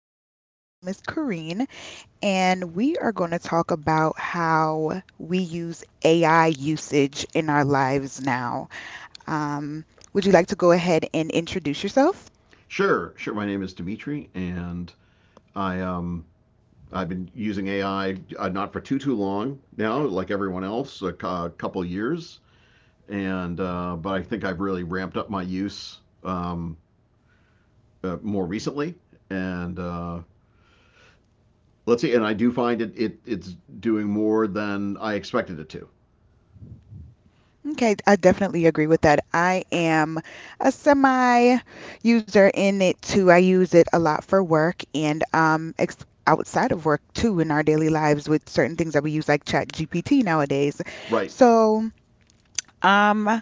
today, and my name is Kareen, and we are going to talk about how we use AI usage in our lives now. Um, would you like to go ahead and introduce yourself? Sure. My name is Dimitri, and I um I've been using AI not for too long now, like everyone else, a couple years, and but I think I've really ramped up my use more recently, and let's see, and I do find it it's doing more than I expected it to. Okay, I definitely agree with that. I am a semi user in it too. I use it a lot for work and ex outside of work too in our daily lives with certain things that we use like Chat GPT nowadays. Right, So, um,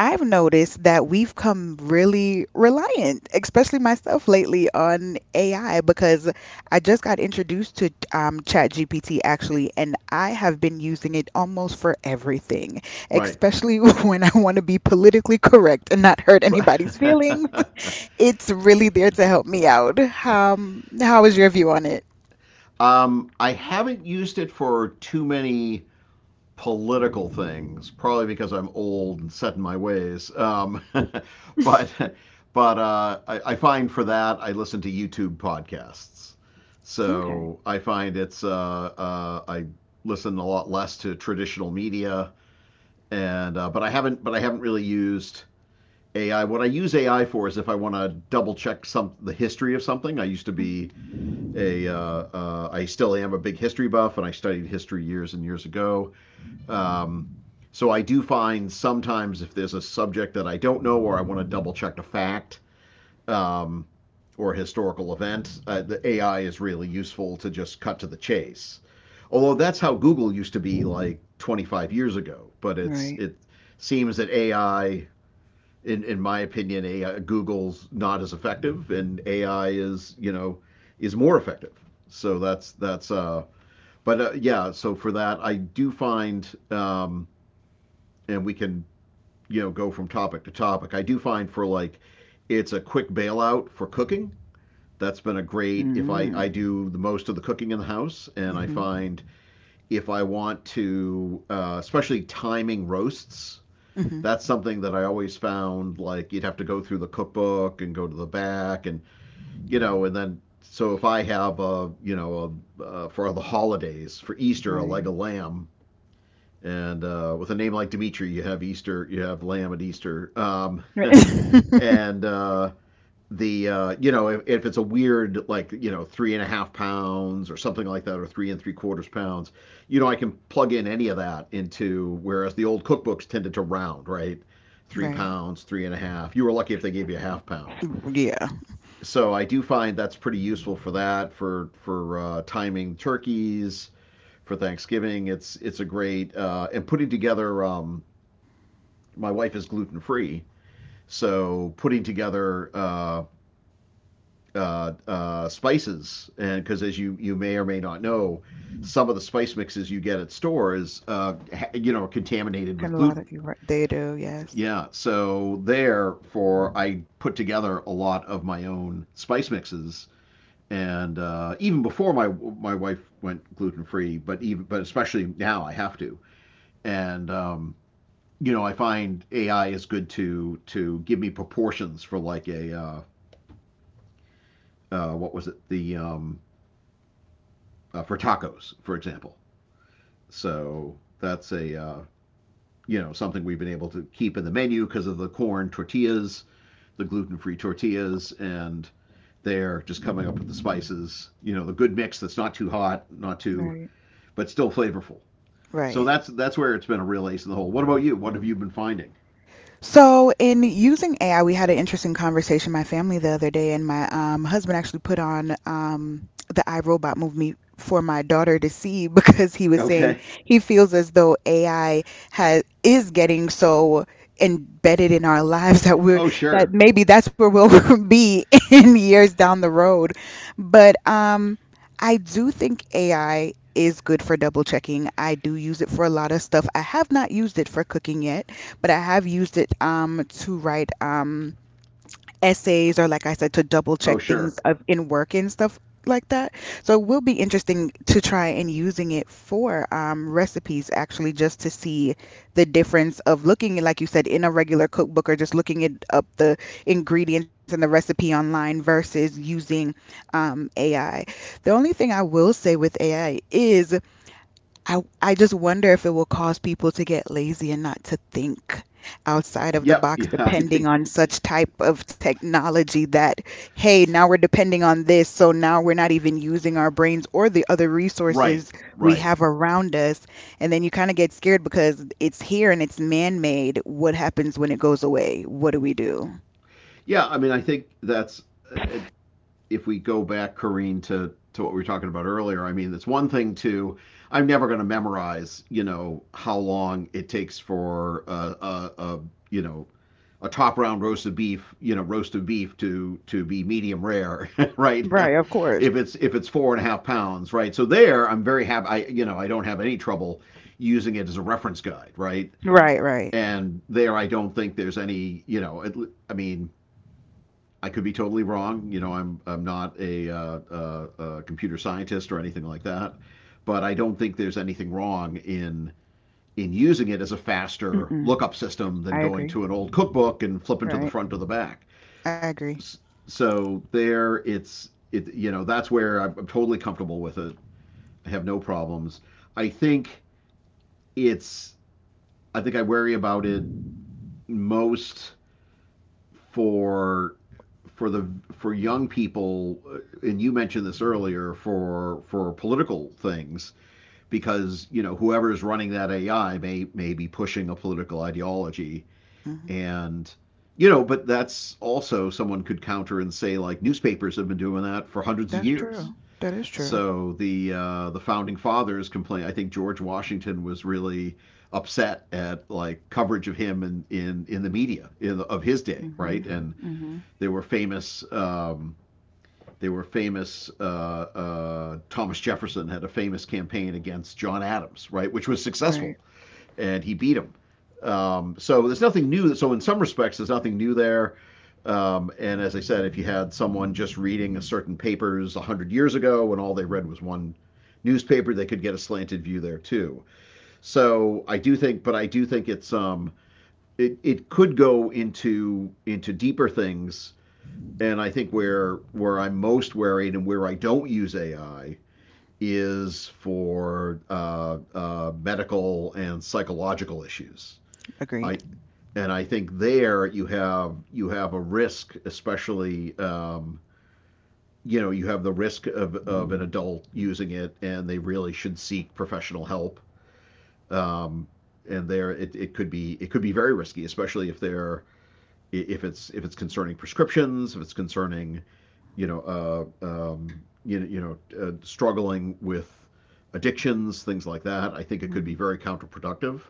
I've noticed that we've come really reliant, especially myself lately, on AI because I just got introduced to ChatGPT actually, and I have been using it almost for everything, right, especially when I want to be politically correct and not hurt right. anybody's feelings. It's really there to help me out. How is your view on it? I haven't used it for too many political things, probably because I'm old and set in my ways. But but I find for that I listen to YouTube podcasts. Okay. So I find it's I listen a lot less to traditional media, and but I haven't really used AI. What I use AI for is if I want to double check some the history of something. I used to be Mhm. a I still am a big history buff, and I studied history years and years ago. Um, so I do find sometimes if there's a subject that I don't know or I want to double check a fact um, or a historical event, the AI is really useful to just cut to the chase. Although that's how Google used to be like 25 years ago, but it's Right. it seems that AI, in my opinion, AI, Google's not as effective, and AI is is more effective. So that's but yeah. So for that, I do find. And we can go from topic to topic. I do find for like it's a quick bailout for cooking. That's been a great if I Mm-hmm. do the most of the cooking in the house, and I find if I want to, especially timing roasts. Mm-hmm. That's something that I always found like you'd have to go through the cookbook and go to the back, and and then so if I have a a for the holidays, for Easter, a leg Right. of lamb, and with a name like Dimitri, you have Easter, you have lamb at Easter. Right. and the you know if it's a weird, like, you know, three and a half pounds or something like that, or three and three quarters pounds, you know, I can plug in any of that into, whereas the old cookbooks tended to round. Right, three Right. pounds three and a half, you were lucky if they gave you a half pound. Yeah. So I do find that's pretty useful for that, for timing turkeys for Thanksgiving. It's a great and putting together, my wife is gluten free, so putting together spices, and because as you, you may or may not know, some of the spice mixes you get at stores, you know, are contaminated Can with a lot gluten. of you, right? They do, yes. Yeah, so therefore I put together a lot of my own spice mixes, and even before my wife went gluten free, but even but especially now I have to, and you know, I find AI is good to give me proportions for like a what was it the for tacos, for example. So that's a you know, something we've been able to keep in the menu because of the corn tortillas, the gluten-free tortillas, and they're just coming up with the spices. You know, the good mix that's not too hot, not too, Right, but still flavorful. So right. that's where it's been a real ace in the hole. What about you? What have you been finding? So, in using AI, we had an interesting conversation, my family, the other day, and my husband actually put on the iRobot movie for my daughter to see because he was saying Okay. he feels as though AI has is getting so embedded in our lives that we're Oh, that sure. maybe that's where we'll be in years down the road. But I do think AI is good for double checking. I do use it for a lot of stuff. I have not used it for cooking yet, but I have used it to write essays, or like I said, to double check Oh, sure. things of in work and stuff like that. So it will be interesting to try and using it for recipes, actually, just to see the difference of looking at, like you said, in a regular cookbook, or just looking it up, the ingredients and the recipe online, versus using AI. The only thing I will say with AI is I just wonder if it will cause people to get lazy and not to think outside of the Yep. box, Yeah. I depending think on such type of technology, that hey, now we're depending on this, so now we're not even using our brains or the other right, resources we right. have around us. And then you kind of get scared because it's here and it's man-made. What happens when it goes away? What do we do? Yeah, I mean, I think that's uh, if we go back, Corrine, to what we were talking about earlier. I mean, it's one thing to I'm never going to memorize, you know, how long it takes for a you know a top round roast of beef, you know, roast of beef to be medium rare, right? Right, of course. if it's four and a half pounds, right? So there, I'm very happy. I, you know, I don't have any trouble using it as a reference guide, right? Right, right. And there I don't think there's any you know it, I mean I could be totally wrong, you know, I'm I'm not a computer scientist or anything like that, but I don't think there's anything wrong in using it as a faster Mm-mm. lookup system than I going agree. to an old cookbook and flipping to the Right. front or the back. I agree. So there it's it, you know, that's where I'm totally comfortable with it. I have no problems. I think it's I think I worry about it most for for the for young people, and you mentioned this earlier for political things, because you know whoever is running that AI may be pushing a political ideology. Hmm. And you know, but that's also someone could counter and say like newspapers have been doing that for hundreds of That's years. true. That is true. So the founding fathers complained, I think George Washington was really upset at like coverage of him in the media in, of his day, right? Mhm. And Mhm. they were famous. They were famous. Thomas Jefferson had a famous campaign against John Adams, right, which was Right. successful, and he beat him. So there's nothing new. So in some respects, there's nothing new there. And as I said, if you had someone just reading a certain papers 100 years ago and all they read Mhm. was one newspaper, they could get a slanted view there too. So I do think, but I do think it's it it could go into deeper things. And I think where I'm most worried and where I don't use AI is for medical and psychological issues. Agreed. I and I think there you have a risk, especially you know you have the risk of an adult using it, and they really should seek professional help. Um, and there it, it could be very risky, especially if they're if it's concerning prescriptions, if it's concerning you know, uh, um, you, you know, struggling with addictions, things like that. I think it could be Mhm. very counterproductive.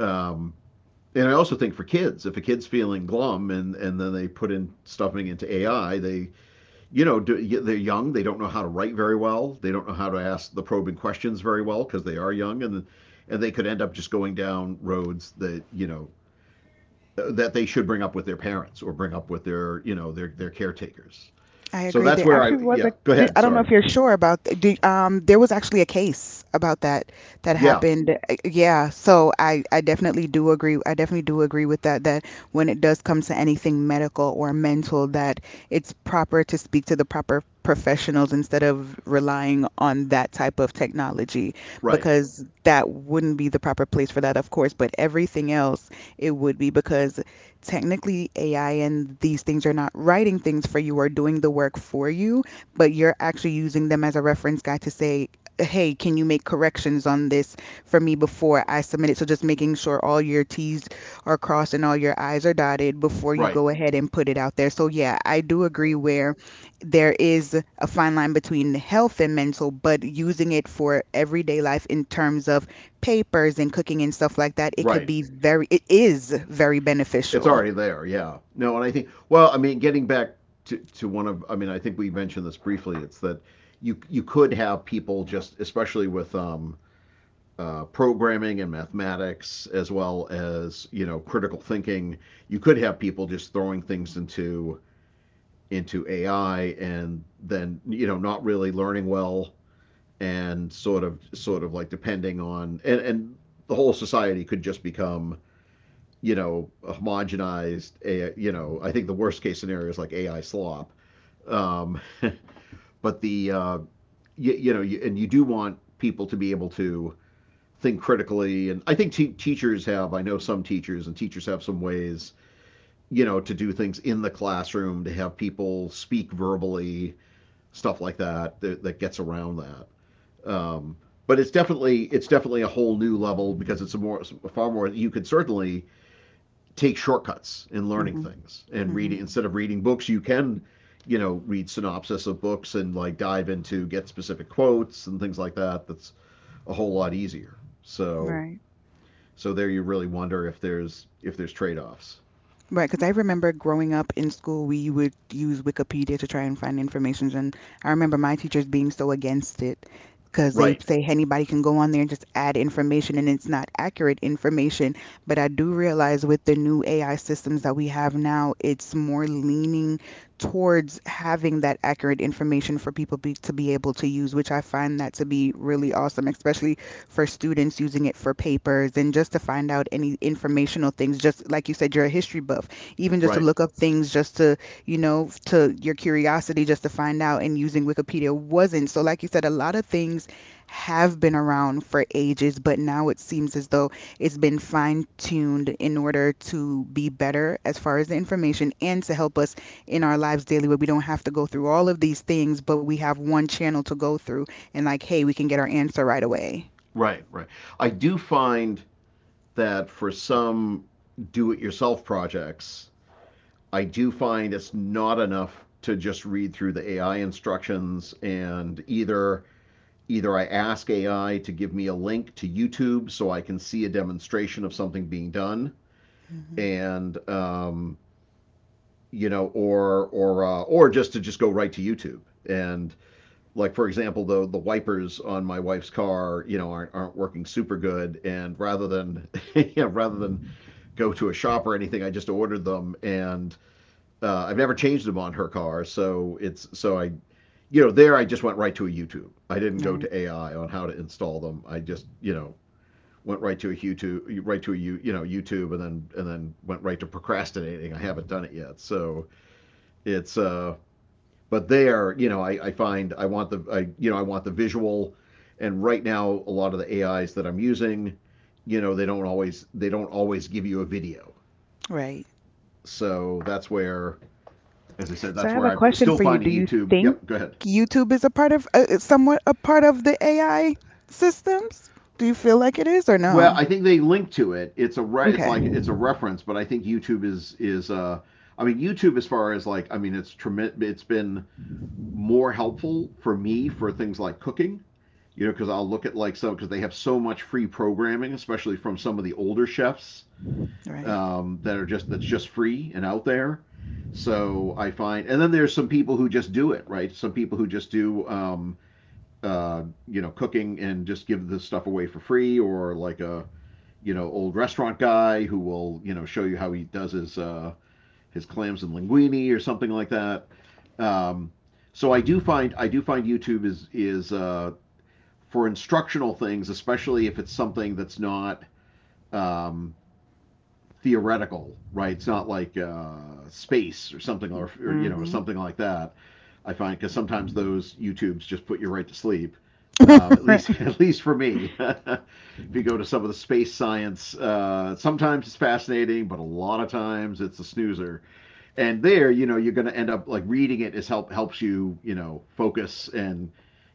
Um, and I also think for kids, if a kid's feeling glum, and then they put in stuffing into AI, they you know do, they're young, they don't know how to write very well, they don't know how to ask the probing questions very well because they are young, and they could end up just going down roads that you know that they should bring up with their parents or bring up with their you know their caretakers. I So agreed. that's There where I actually was yeah a. go di- ahead I don't know if sorry. you're sure about. There was actually a case about that that Yeah, happened. Yeah. So I definitely do agree. I definitely do agree with that. That when it does come to anything medical or mental, that it's proper to speak to the proper professionals instead of relying on that type of technology, right, because that wouldn't be the proper place for that, of course. But everything else, it would be because technically AI and these things are not writing things for you or doing the work for you, but you're actually using them as a reference guide to say, hey, can you make corrections on this for me before I submit it? So just making sure all your T's are crossed and all your I's are dotted before you right, go ahead and put it out there. So yeah, I do agree where there is a fine line between health and mental, but using it for everyday life in terms of papers and cooking and stuff like that, it could right. be very, it is very It's beneficial. already there. Yeah. No, and I think, well, I mean, getting back to one of, I mean, I think we mentioned this briefly. It's that you could have people just, especially with programming and mathematics, as well as you know critical thinking, you could have people just throwing things into AI and then you know not really learning well, and sort of like depending on, and the whole society could just become you know, homogenized, AI, you know, I think the worst case scenario is like AI slop. Um, but the, you, you know, you, and you do want people to be able to think critically. And I think teachers have, I know some teachers, and teachers have some ways, you know, to do things in the classroom, to have people speak verbally, stuff like that, that gets around that. Um, but it's definitely a whole new level, because it's a more far more you could certainly take shortcuts in learning Mhm. things and read, Mhm. instead of reading books you can you know read synopsis of books and like dive into get specific quotes and things like that, that's a whole lot easier. So Right. so there you really wonder if there's trade-offs. Right. Because I remember growing up in school, we would use Wikipedia to try and find information, and I remember my teachers being so against it because they right say anybody can go on there and just add information, and it's not accurate information. But I do realize with the new AI systems that we have now, it's more leaning towards having that accurate information for people be, to be able to use, which I find that to be really awesome, especially for students using it for papers and just to find out any informational things, just like you said you're a history buff, even just to right look up things, just to you know to your curiosity, just to find out. And using wikipedia wasn't so, like you said, a lot of things have been around for ages, but now it seems as though it's been fine-tuned in order to be better as far as the information and to help us in our lives daily, where we don't have to go through all of these things, but we have one channel to go through, and like hey, we can get our answer right away. right right I do find that for some do-it-yourself projects, I do find it's not enough to just read through the AI instructions, and either I ask AI to give me a link to YouTube so I can see a demonstration of something being done, Mhm. and you know, or just to just go right to YouTube. And like for example, the wipers on my wife's car, you know, aren't working super good. And rather than yeah, rather than go to a shop or anything, I just ordered them, and I've never changed them on her car, so it's so I you know there I just went right to a YouTube. I didn't go Right. to AI on how to install them. I just went right to a YouTube, right to a you, you know YouTube, and then went right to procrastinating. I haven't done it yet, so it's. But there, you know, I find I want the I you know I want the visual, and right now a lot of the AIs that I'm using, you know, they don't always give you a video. Right. So that's where, as I said, So I that's have where a I'm question still for you. Do finding you YouTube. think Yep, go ahead. YouTube is a part of, is somewhat a part of the AI systems? Do you feel like it is or Well, no? I think they link to it. It's Okay. like it's a reference, but I think YouTube is I mean YouTube as far as like, I mean it's tremendous. It's been more helpful for me for things like cooking, you know, because I'll look at like some, because they have so much free programming, especially from some of the older chefs Right. That are just, that's just free and out there. So I find, and then there's some people who just do it, right? Some people who just do, you know, cooking and just give the stuff away for free, or like a you know old restaurant guy who will you know show you how he does his clams and linguine or something like that. Um, so I do find YouTube is for instructional things, especially if it's something that's not um, theoretical, right? It's not like space or something, or you know, Mhm. something like that. I find because sometimes those YouTubes just put you right to sleep. At least, Right. at least for me. If you go to some of the space science, sometimes it's fascinating, but a lot of times it's a snoozer. And there, you know, you're going to end up like reading it is helps you, you know, focus and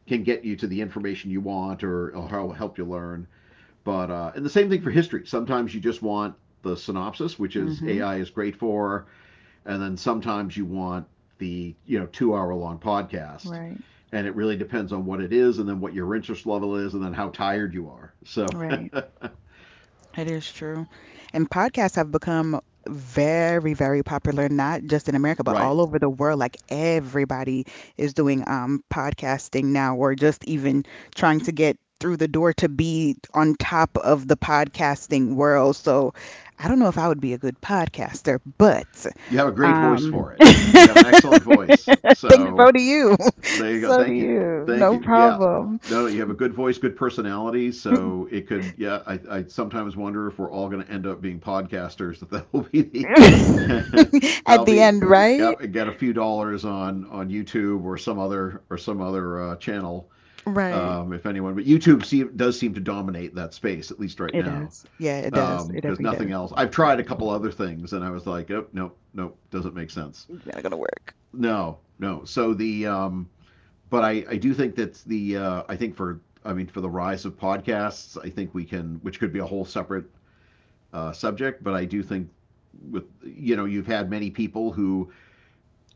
can get you to the information you want, or help you learn, but and the same thing for history. Sometimes you just want the synopsis, which is Mhm. AI is great for, and then sometimes you want the you know 2 hour long podcast, Right. and it really depends on what it is, and then what your interest level is, and then how tired you are. So, Right. It is true. And podcasts have become very, very popular, not just in America, but right, all over the world. Like everybody is doing podcasting now, or just even trying to get through the door to be on top of the podcasting world. So I don't know if I would be a good podcaster, but you have a great voice um, for it. You have an excellent voice. thanks, so So do you. there you go. So do Thank you. you. Thank No you. Yeah. problem. No, no, you have a good voice, good personality. So it could, yeah. I sometimes wonder if we're all going to end up being podcasters. That that'll be the, At that'll the be, end, right? yep. Get a few dollars on YouTube or some other channel, Right. If anyone. But does seem to dominate that space at least right It now. does. Yeah, it does. It Because definitely nothing does. else. I've tried a couple other things, and I was like, oh, no, nope, doesn't make sense. It's not gonna work. No, no. So the I do think that the I think for, I mean for the rise of podcasts, I think we can, which could be a whole separate subject, but I do think with you know you've had many people who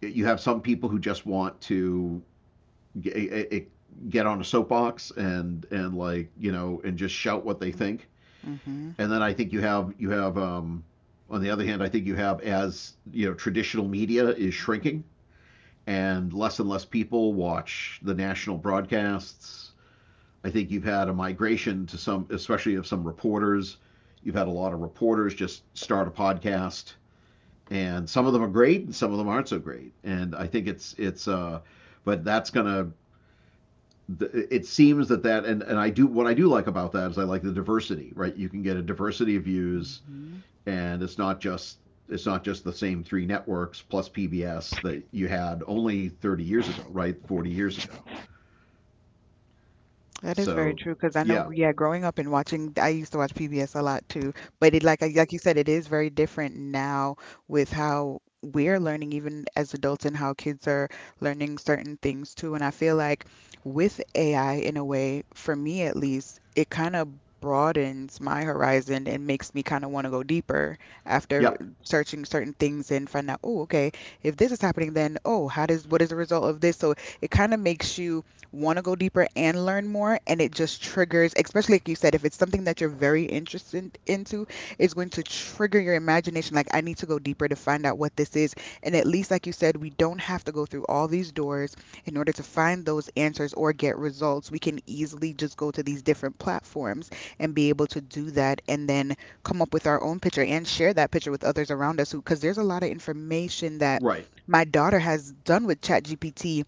you have some people who just want to get, get on a soapbox and just shout what they think, Mhm. and then I think you have on the other hand, I think you have as you know traditional media is shrinking, and less people watch the national broadcasts. I think you've had a migration to some, especially of some reporters. You've had a lot of reporters just start a podcast, and some of them are great, and some of them aren't so great. And I think it's, but that's gonna. It seems that that, and I do what I do like about that is I like the diversity, right? You can get a diversity of views, Mhm. and it's not just the same three networks plus PBS that you had only 30 years ago, right? 40 years ago. That is very So, true, because I know, yeah, yeah, growing up and watching, I used to watch PBS a lot too. But it, like you said, it is very different now with how we're learning, even as adults, and how kids are learning certain things too. And I feel like with AI, in a way, for me at least, it kind of broadens my horizon and makes me kind of want to go deeper after yep, searching certain things and find out, oh, okay, if this is happening, then oh, how does, what is the result of this? So it kind of makes you want to go deeper and learn more, and it just triggers, especially like you said, if it's something that you're very interested into, it's going to trigger your imagination, like I need to go deeper to find out what this is. And at least like you said, we don't have to go through all these doors in order to find those answers or get results. We can easily just go to these different platforms and be able to do that, and then come up with our own picture and share that picture with others around us, who, because there's a lot of information that right. my daughter has done with ChatGPT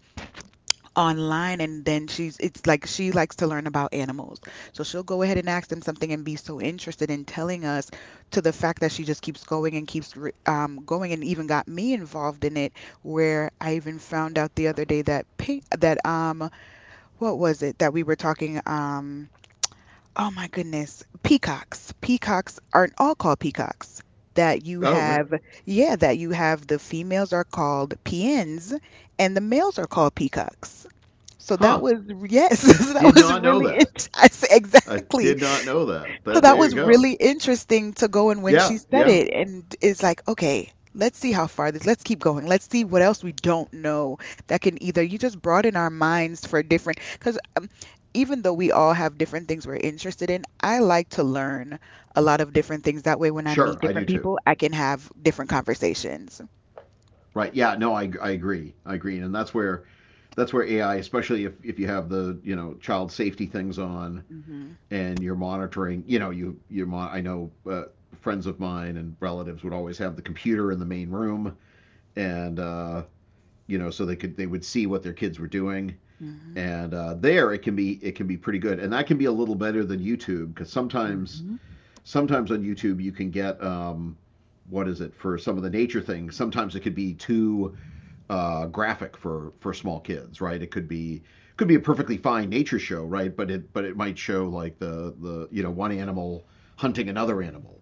online, and then she's, it's like she likes to learn about animals. So she'll go ahead and ask them something and be so interested in telling us, to the fact that she just keeps going and keeps going, and even got me involved in it, where I even found out the other day that pink that what was it that we were talking um oh my goodness peacocks, peacocks aren't all called peacocks, that you Oh, right. have, yeah, that you have, the females are called peons and the males are called peacocks. So that Huh. was, yes, so that Did was not know really that. I exactly. did not know that. So That that there you was go. really interesting to go, and when Yeah, she said yeah. it, and it's like, okay, let's see how far this. Let's keep going. Let's see what else we don't know that can either, you just broaden our minds for different, cuz even though we all have different things we're interested in, I like to learn a lot of different things. That way, when I Sure, meet I do different too. people, I can have different conversations. Right. Yeah, no, I agree. I agree. And that's where AI, especially if you have the, you know, child safety things on, Hmm. and you're monitoring, you know, I know friends of mine and relatives would always have the computer in the main room, and you know, so they would see what their kids were doing, Hmm. and there it can be, it can be pretty good, and that can be a little better than YouTube, because sometimes Hmm. sometimes on YouTube you can get what is it, for some of the nature things, sometimes it could be too graphic for small kids, right? It could be a perfectly fine nature show, right, but it, but it might show like the you know, one animal hunting another animal,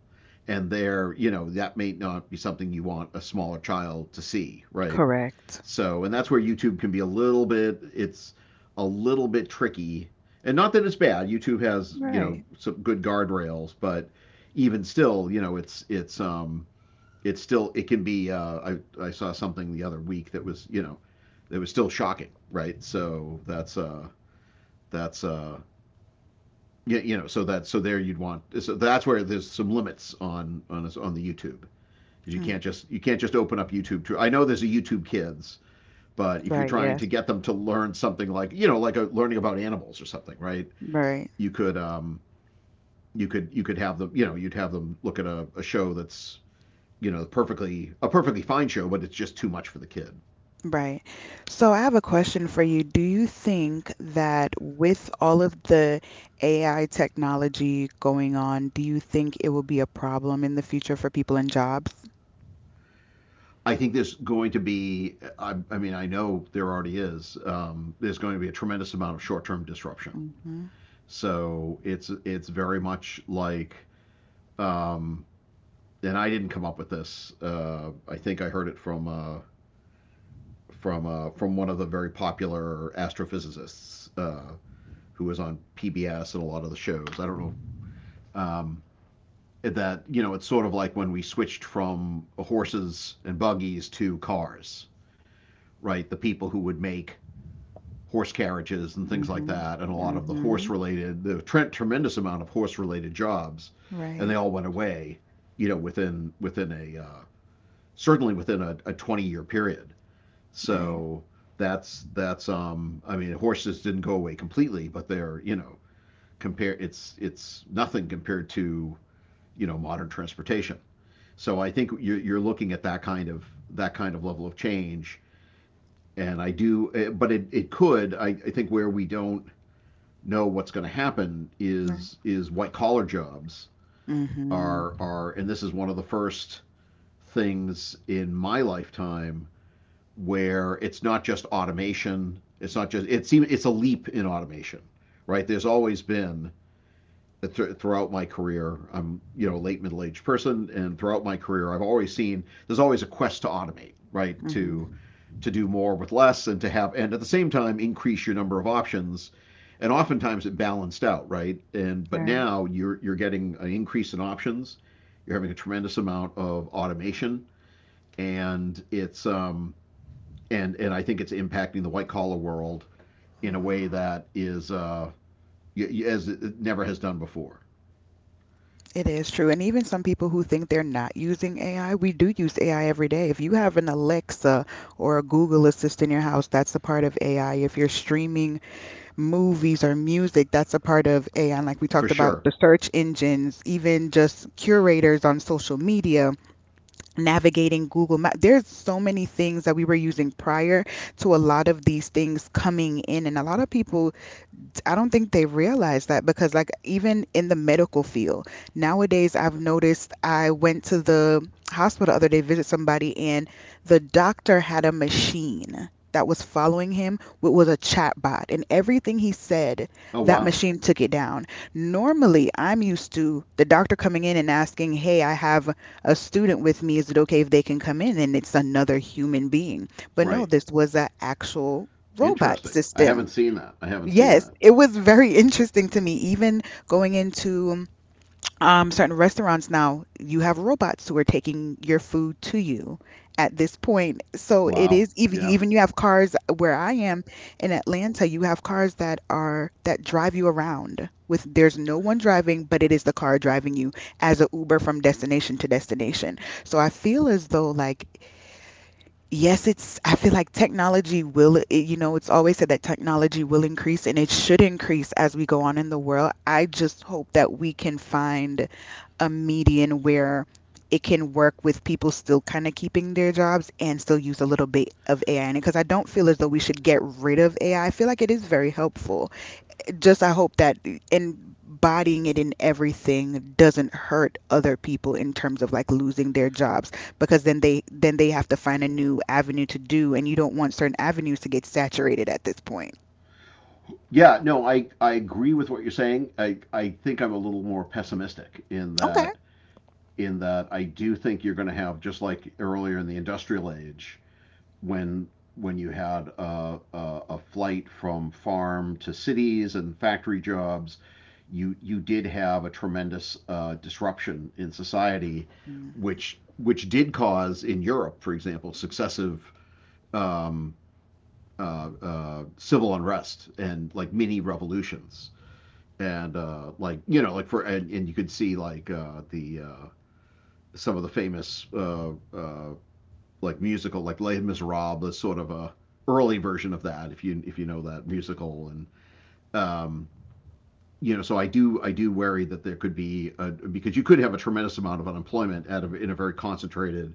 and there, you know, that may not be something you want a smaller child to see, right. Correct. So, and that's where YouTube can be a little bit, it's a little bit tricky. And not that it's bad. YouTube has, you know, Right. some good guardrails, but even still, you know, it's still, it can be, I saw something the other week that was, you know, that was still shocking, right? So that's, uh, yeah, you know, so that, so there you'd want, so that's where there's some limits on, on the YouTube. Is Mm, you can't just open up YouTube to, I know there's a YouTube Kids, but if right. you're trying Yes. to get them to learn something like you know like a, learning about animals or something, right? Right. You could you could have them, you know, you'd have them look at a show that's you know perfectly a perfectly fine show, but it's just too much for the kid. Right. So I have a question for you. Do you think that with all of the AI technology going on, do you think it will be a problem in the future for people in jobs? I think there's going to be, I mean, I know there already is. There's going to be a tremendous amount of short-term disruption. Mm-hmm. So it's very much like, um, and I didn't come up with this. I think I heard it from from one of the very popular astrophysicists who was on PBS and a lot of the shows. I don't know um, that you know it's sort of like when we switched from horses and buggies to cars, right? The people who would make horse carriages and things like Mm-hmm. that, and a lot of the horse Mm-hmm. related, the tremendous amount of horse related jobs, and they Right. all went away, you know, within a certainly within a 20-year period. Right. So that's I mean horses didn't go away completely, but they're you know compare it's nothing compared to you know modern transportation. So I think you're looking at that kind of, that kind of level of change, and I do, eh, but it could. I think where we don't know what's going to happen Right. is white collar jobs Mm-hmm. Are, and this is one of the first things in my lifetime where it's not just automation. It's not just, it seems it's a leap in automation, right? There's always been throughout my career. I'm you know a late middle aged person, and throughout my career, I've always seen there's always a quest to automate, right? Mm-hmm. To do more with less, and to have, and at the same time increase your number of options. And oftentimes it balanced out, right? And but Right. now you're getting an increase in options. You're having a tremendous amount of automation, and it's and I think it's impacting the white collar world in a Mhm. way that is as it never has done before, It is true. And even some people who think they're not using AI, we do use AI every day. If you have an Alexa or a Google Assistant in your house, that's a part of AI. If you're streaming movies or music, that's a part of AI. And like we for talked about, sure. the search engines, even just curators on social media, navigating Google Maps. There's so many things that we were using prior to a lot of these things coming in. And a lot of people, I don't think they realize that, because like even in the medical field nowadays, I've noticed. I went to the hospital the other day, visit somebody, and the doctor had a machine that was following him. It was a chat bot, and everything he said, Oh that wow, machine took it down. Normally I'm used to the doctor coming in and asking, "Hey, I have a student with me, is it okay if they can come in?" And it's another human being, but no, right, this was an actual robot interesting. I system. haven't seen that. I haven't seen Yes, that. it was very interesting to me. Even going into certain restaurants now, you have robots who are taking your food to you at this point. So it Wow, is, even you, yeah, even you have cars where I am in Atlanta, you have cars that drive you around with, there's no one driving, but it is the car driving you as a Uber from destination to destination. So I feel as though, like, yes, it's, I feel like technology will, it, it's always said that technology will increase and it should increase as we go on in the world. I just hope that we can find a median where it can work with people still kind of keeping their jobs and still use a little bit of AI in it. Because I don't feel as though we should get rid of AI. I feel like it is very helpful, just I hope that embodying it in everything doesn't hurt other people in terms of like losing their jobs, because then they have to find a new avenue to do, and you don't want certain avenues to get saturated at this point. yeah. No, I agree with what you're saying. I think I'm a little more pessimistic in Okay. that I do think you're going to have, just like earlier in the industrial age, when when you had a flight from farm to cities and factory jobs, you did have a tremendous disruption in society, Mm-hmm. which did cause in Europe, for example, successive um, civil unrest and like mini revolutions and and you could see, like the some of the famous like musical, like Les Miserables is sort of a early version of that, if you know that musical. And um, you know, so I do worry that there could be a, because you could have a tremendous amount of unemployment at a, in a very concentrated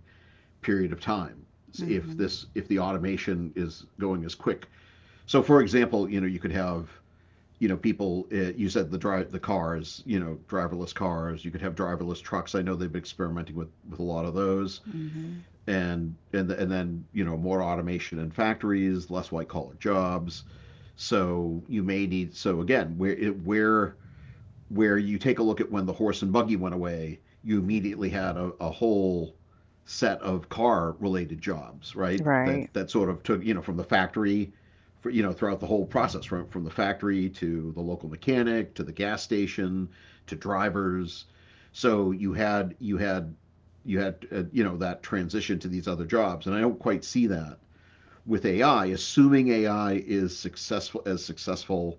period of time, so Mm-hmm. If the automation is going as quick. So, for example, you know, you could have, you know, people, you said the drive the cars, you know, driverless cars, you could have driverless trucks. I know they've been experimenting with a lot of those, hmm and then, you know, more automation in factories, less white collar jobs. So you may need, so again, where it, where you take a look at when the horse and buggy went away, you immediately had a whole set of car related jobs, right? Right. That sort of took, you know, from the factory, for, you know, throughout the whole process, from the factory to the local mechanic to the gas station to drivers. So you had you know, that transition to these other jobs, and I don't quite see that with AI. Assuming AI is successful, as successful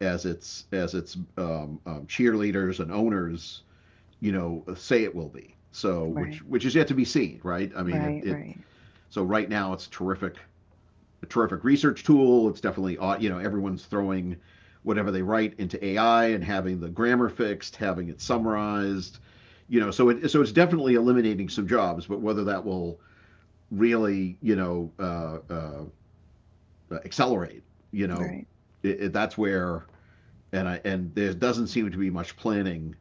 as its cheerleaders and owners, you know, say it will be. So, which Right. which is yet to be seen, right? I mean, it, Right. it Right. so right now it's terrific, a terrific research tool. It's definitely, you know, everyone's throwing whatever they write into AI and having the grammar fixed, having it summarized, you know. So it's definitely eliminating some jobs, but whether that will really, you know, accelerate, you know, Right. That's where, and I, and there doesn't seem to be much planning,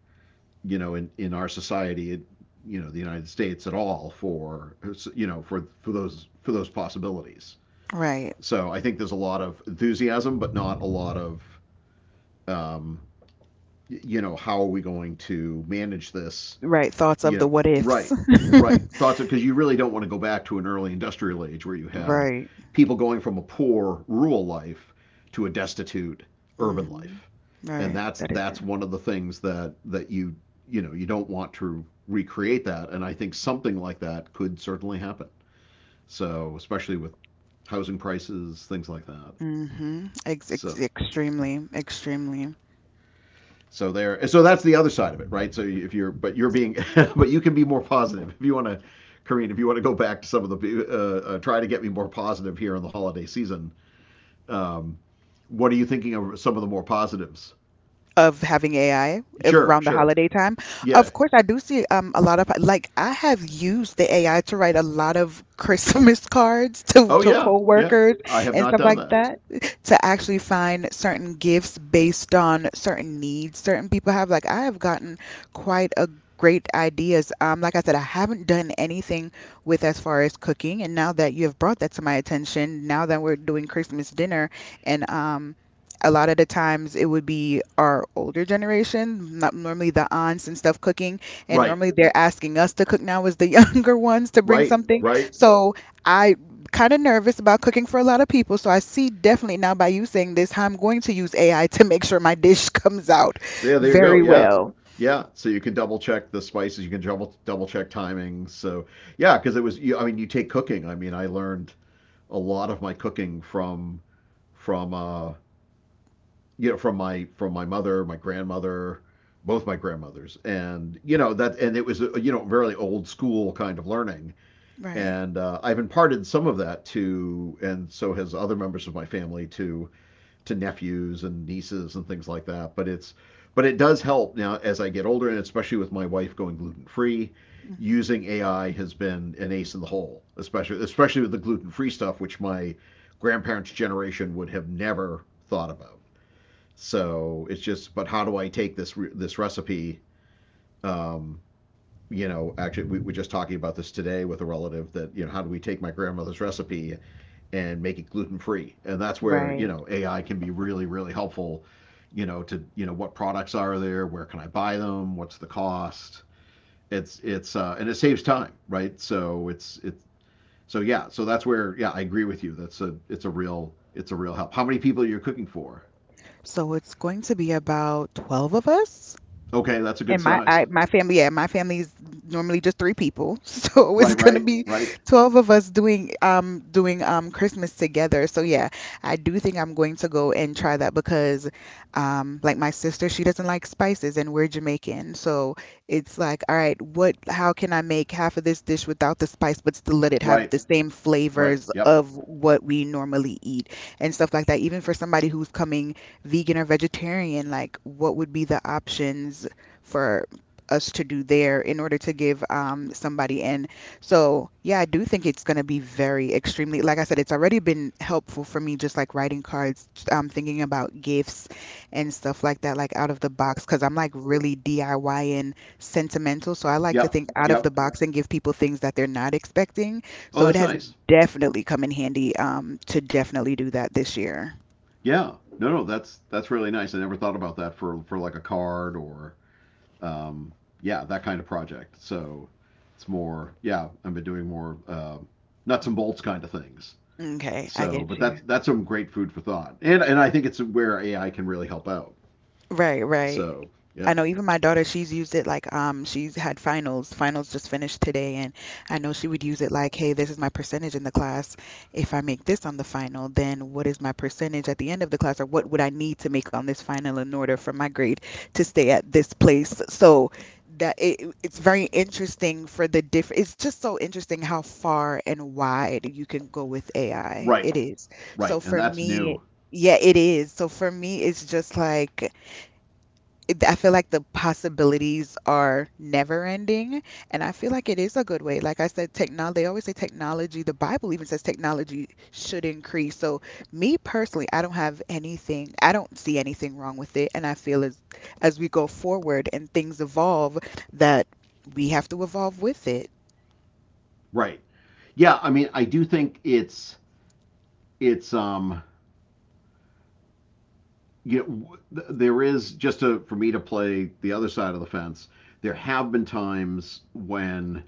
you know, in our society, it, you know, the United States at all, for, you know, for those, for those possibilities. Right. So I think there's a lot of enthusiasm, but not a lot of um, you know, how are we going to manage this, Right. Thoughts of you the know, what ifs. right, right. Thoughts, because you really don't want to go back to an early industrial age where you had Right. people going from a poor rural life to a destitute urban life, Mm-hmm. and Right. that's That is true. one of the things that you, you know, you don't want to recreate that, and I think something like that could certainly happen. So, especially with housing prices, things like that. Mm-hmm. So. Yeah. Extremely, extremely. So there, so that's the other side of it, right? So if you're, but you're being, but you can be more positive if you want to, Kareen. If you want to go back to some of the, try to get me more positive here in the holiday season. Um, what are you thinking of some of the more positives? Of having AI if Sure, around the sure, holiday time. yeah, Of course, I do see, um, a lot of, like, I have used the AI to write a lot of Christmas cards to oh to yeah, yeah. coworkers I have and not stuff done like that. that, to actually find certain gifts based on certain needs certain people have. Like, I have gotten quite a great ideas. Like I said, I haven't done anything with, as far as cooking, and now that you have brought that to my attention, now that we're doing Christmas dinner and, um, a lot of the times it would be our older generation, not normally the aunts and stuff cooking, and Right, normally they're asking us to cook now as the younger ones to bring right, something. right. So I kind of nervous about cooking for a lot of people. So I see definitely now, by you saying this, how I'm going to use AI to make sure my dish comes out Yeah, there you go. very Yeah, well. yeah, so you can double check the spices, you can double check timings. So yeah, because it was, you, I mean, you take cooking. I mean, I learned a lot of my cooking from from uh, you know, from my mother, my grandmother, both my grandmothers, and you know that, and it was, you know, very old school kind of learning, Right. and I've imparted some of that to, and so has other members of my family, to nephews and nieces and things like that. But it's, but it does help now as I get older, and especially with my wife going gluten free. hmm Using AI has been an ace in the hole, especially with the gluten free stuff, which my grandparents' generation would have never thought about. So it's just, but how do I take this recipe? Um, you know, actually, we were just talking about this today with a relative, that, you know, how do we take my grandmother's recipe and make it gluten free? And that's where, you Right. know, AI can be really helpful. You know, to, you know, what products are there? Where can I buy them? What's the cost? It's and it saves time, right? So it's so yeah, so that's where, yeah, I agree with you. That's a, it's a real, it's a real help. How many people you're cooking for? So it's going to be about 12 of us. Okay, that's a good And my, size. I, my family, yeah, my family is normally just three people, so it's Right, gonna right, be right. 12 of us doing doing Christmas together. So yeah, I do think I'm going to go and try that, because, um, like my sister, she doesn't like spices, and we're Jamaican, so it's like, all right, what, how can I make half of this dish without the spice, but still let it have Right. the same Right. flavors Yep. of what we normally eat and stuff like that. Even for somebody who's coming vegan or vegetarian, like what would be the options for us to do there in order to give, somebody in. So, yeah, I do think it's going to be very extremely, like I said, it's already been helpful for me, just like writing cards, thinking about gifts and stuff like that, like out of the box, because I'm like really DIY and sentimental. So, I like to Yep. think out of the Yep. box and give people things that they're not expecting. Oh, So, it that's has nice. definitely come in handy, to definitely do that this year. Yeah. No, no, that's really nice. I never thought about that for like a card or um yeah, that kind of project. So it's more, yeah, I've been doing more nuts and bolts kind of things. Okay, I So, get but you. that's some great food for thought. And I think it's where AI can really help out. Right, right. So, yeah. I know even my daughter, she's used it, like, um, she's had finals. Finals just finished today, and I know she would use it like, "Hey, this is my percentage in the class. If I make this on the final, then what is my percentage at the end of the class, or what would I need to make on this final in order for my grade to stay at this place?" So that it, it's very interesting for the diff, it's just so interesting how far and wide you can go with AI. Right. It is. Right. So And for that's me, new. yeah, it is. So for me, it's just like, it- I feel like the possibilities are never ending. And I feel like it is a good way. Like I said, technology, they always say technology, the Bible even says technology should increase. So, me personally, I don't have anything, I don't see anything wrong with it. And I feel as we go forward and things evolve, that we have to evolve with it. Right. Yeah, I mean, I do think it's it's um you know, there is just to, for me to play the other side of the fence. There have been times when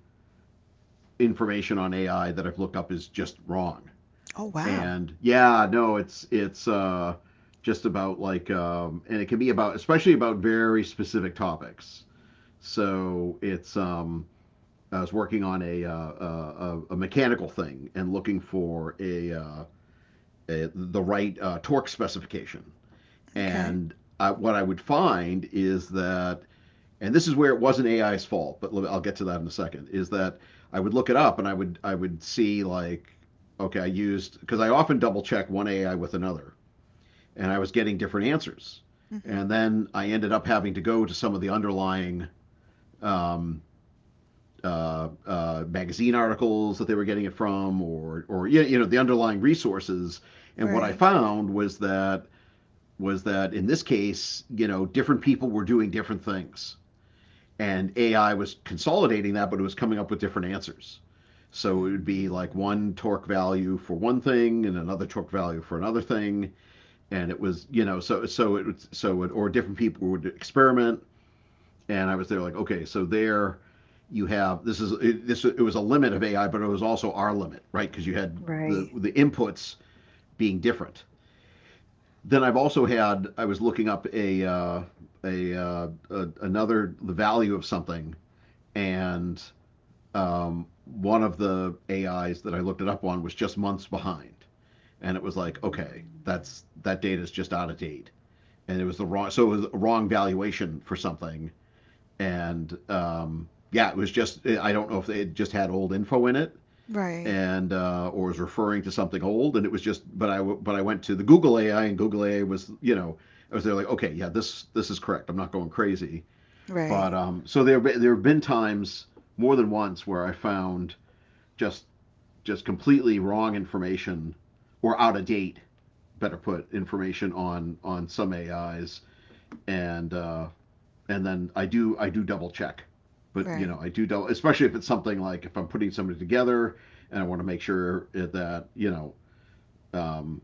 information on AI that I've looked up is just wrong. Oh, wow. And yeah, no, it's just about like, and it can be about, especially about very specific topics. So it's, I was working on a a mechanical thing and looking for a the right torque specification. Okay. And I, what I would find is that, and this is where it wasn't AI's fault, but I'll get to that in a second, is that I would look it up, and I would see like, okay, I used, because I often double check one AI with another, and I was getting different answers, hmm and then I ended up having to go to some of the underlying. Um, Magazine articles that they were getting it from, or, you know, the underlying resources. And what I Right. found was that in this case, you know, different people were doing different things. And AI was consolidating that, but it was coming up with different answers. So it would be like Mm. one torque value for one thing and another torque value for another thing. And it was, you know, so it would- so it, or different people would experiment. And I was there like, okay, so there you have this, is it, this, it was a limit of AI, but it was also our limit, right? Because you had the Right. the inputs being different. Then I've also had, I was looking up a another, the value of something, and one of the AIs that I looked it up on was just months behind, and it was like, okay, Mm. that's, that data is just out of date, and it was the wrong, so it was a wrong valuation for something, and yeah, it was just, I don't know if it just had old info in it, Right. and or was referring to something old, and it was just. But I went to the Google AI, and Google AI was, you know, I was there like, okay, yeah, this is correct. I'm not going crazy. Right. But so there have been times more than once where I found just completely wrong information, or out of date, better put, information on some AIs, and uh, and then I do double check, but you Right. know, I do double, especially if it's something like, if I'm putting somebody together and I want to make sure that, you know, um,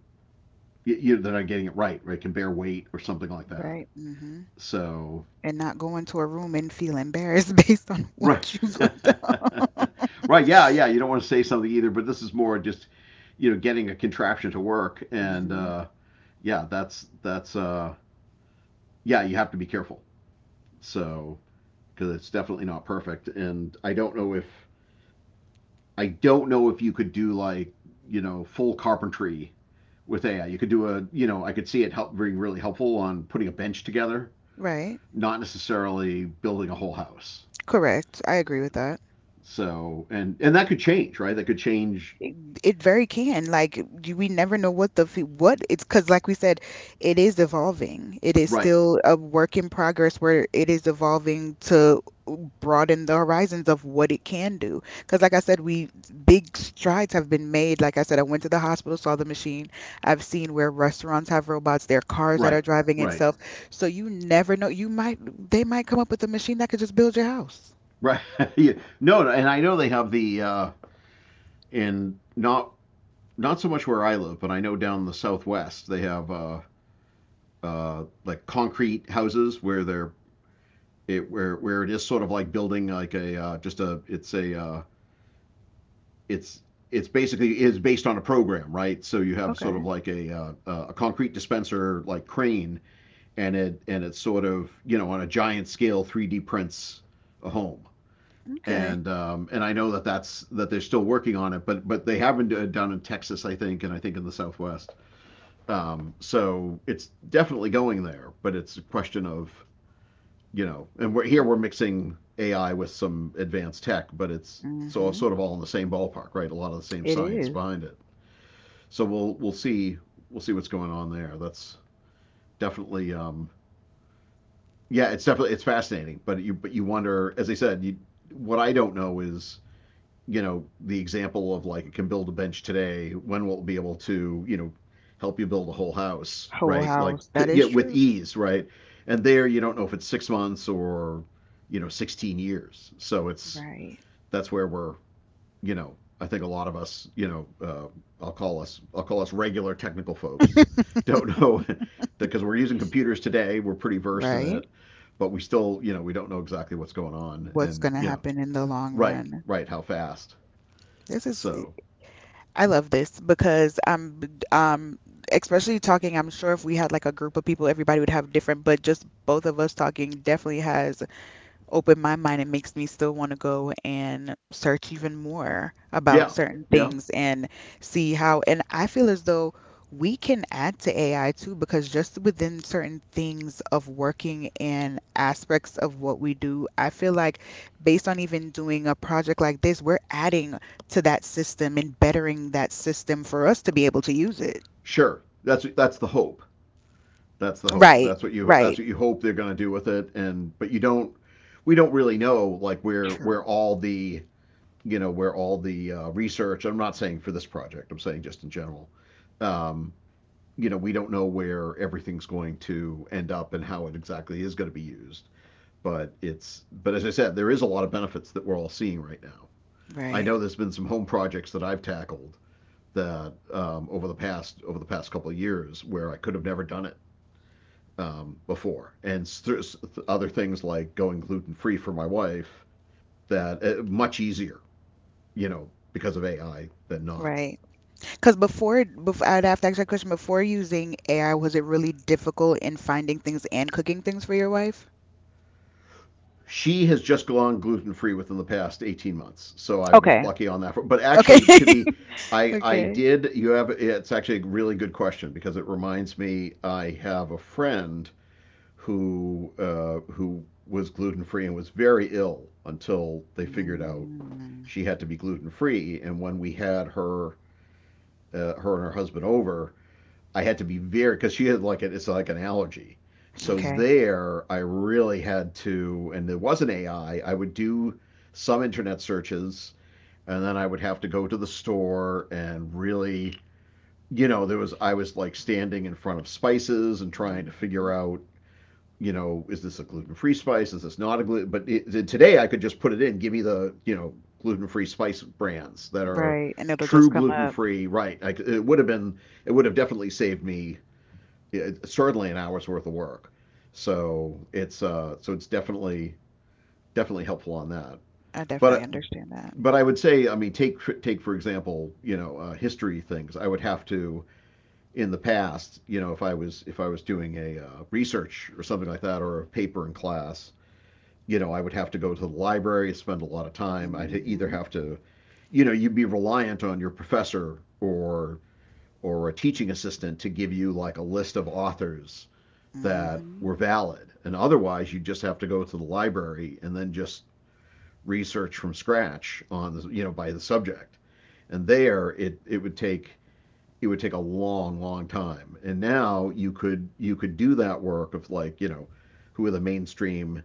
you, you, that I'm getting it right, right, can bear weight or something like that. Right. hmm So and not go into a room and feel embarrassed based on right, what you looked up. right, yeah, yeah. You don't want to say something either, but this is more just, you know, getting a contraption to work, and Hmm yeah, that's yeah, you have to be careful. So, because it's definitely not perfect, and I don't know if you could do, like, you know, full carpentry with AI. You could do a, you know, I could see it help being really helpful on putting a bench together, Right. not necessarily building a whole house. Correct. I agree with that. So, and that could change, right? That could change. It very can. Like, do we never know what the what it's, because, like we said, it is evolving. It is Right, still a work in progress where it is evolving to broaden the horizons of what it can do. Because, like I said, we, big strides have been made. Like I said, I went to the hospital, saw the machine. I've seen where restaurants have robots, there are cars that right, are driving right, itself. So you never know. You might, they might come up with a machine that could just build your house. right. Yeah. No, and I know they have the, in not, not so much where I live, but I know down in the southwest they have, like, concrete houses where they're it, where it is sort of like building like a, just a, it's a, it's it's basically is based on a program, right? So you have sort of Okay. like a, a concrete dispenser, like crane, and it, and it's sort of, you know, on a giant scale 3D prints a home, Okay. And I know that, that's, that they're still working on it, but they haven't done in Texas, I think, and I think in the Southwest. So it's definitely going there, but it's a question of, you know. And here we're mixing AI with some advanced tech, but it's so Mhm. sort of all in the same ballpark, right? A lot of the same It science is behind it. So we'll see we'll see what's going on there. That's definitely yeah, it's definitely it's fascinating, but you wonder, as I said, you, what I don't know is, you know, the example of like it can build a bench today. When will it be able to, you know, help you build a whole house, whole right? Like house. c- That yeah is with true. ease, right? And there you don't know if it's 6 months or, you know, 16 years, so it's, Right, that's where we're, you know, I think a lot of us, you know, I'll call us regular technical folks don't know because we're using computers today, we're pretty versed in right. it, but we still, you know, we don't know exactly what's going on. What's And going to you know, happen in the long right, run? right, how fast? This is, So I love this because I'm, um, especially talking, I'm sure if we had like a group of people, everybody would have different, but just both of us talking definitely has open my mind. It makes me still want to go and search even more about yeah, certain yeah, things and see how. And I feel as though we can add to AI too, because just within certain things of working and aspects of what we do, I feel like, based on even doing a project like this, we're adding to that system and bettering that system for us to be able to use it. sure. That's the hope. That's the hope. Right, That's right. what you hope they're going to do with it. And but you don't. We don't really know like where True. all the, you know, where all the research. I'm not saying for this project. I'm saying just in general. Um, you know, we don't know where everything's going to end up and how it exactly is going to be used. But it's but as I said, there is a lot of benefits that we're all seeing right now. I Right, know there's been some home projects that I've tackled that over the past couple of years where I could have never done it before, and other things like going gluten free for my wife, that much easier, you know, because of AI than not. right. Because before, before, I'd have to ask that question, before using AI, was it really difficult in finding things and cooking things for your wife? She has just gone gluten free within the past 18 months, so I was Okay. lucky on that. But Okay. actually, to be, I Okay. did you have, it's actually a really good question because it reminds me, I have a friend who was gluten free and was very ill until they figured out Mm, she had to be gluten free. And when we had her her and her husband over, I had to be very, because she had like an, it's like an allergy. So okay. there, I really had to, and there was an AI. I would do some internet searches, and then I would have to go to the store and really, you know, there was, I was like standing in front of spices and trying to figure hmm out, you know, is this a gluten-free spice? Is this not a gluten? But it, today I could just put it in. Give me the, you know, gluten-free spice brands that are Right. And it'll true just come up. gluten-free. Right. I, it would have been. It would have definitely saved me, yeah, certainly an hour's worth of work. So it's definitely definitely helpful on that. I definitely But understand that. but I would say, I mean, take for example, you know, history things. I would have to, in the past, you know, if I was doing a research or something like that, or a paper in class, you know, I would have to go to the library, spend a lot of time. I'd either Hmm have to, you know, you'd be reliant on your professor or a teaching assistant to give you like a list of authors that hmm were valid. And otherwise, you'd just have to go to the library and then just research from scratch on the, you know, by the subject. And there it would take it would take a long, long time. And now you could do that work of like, you know, who are the mainstream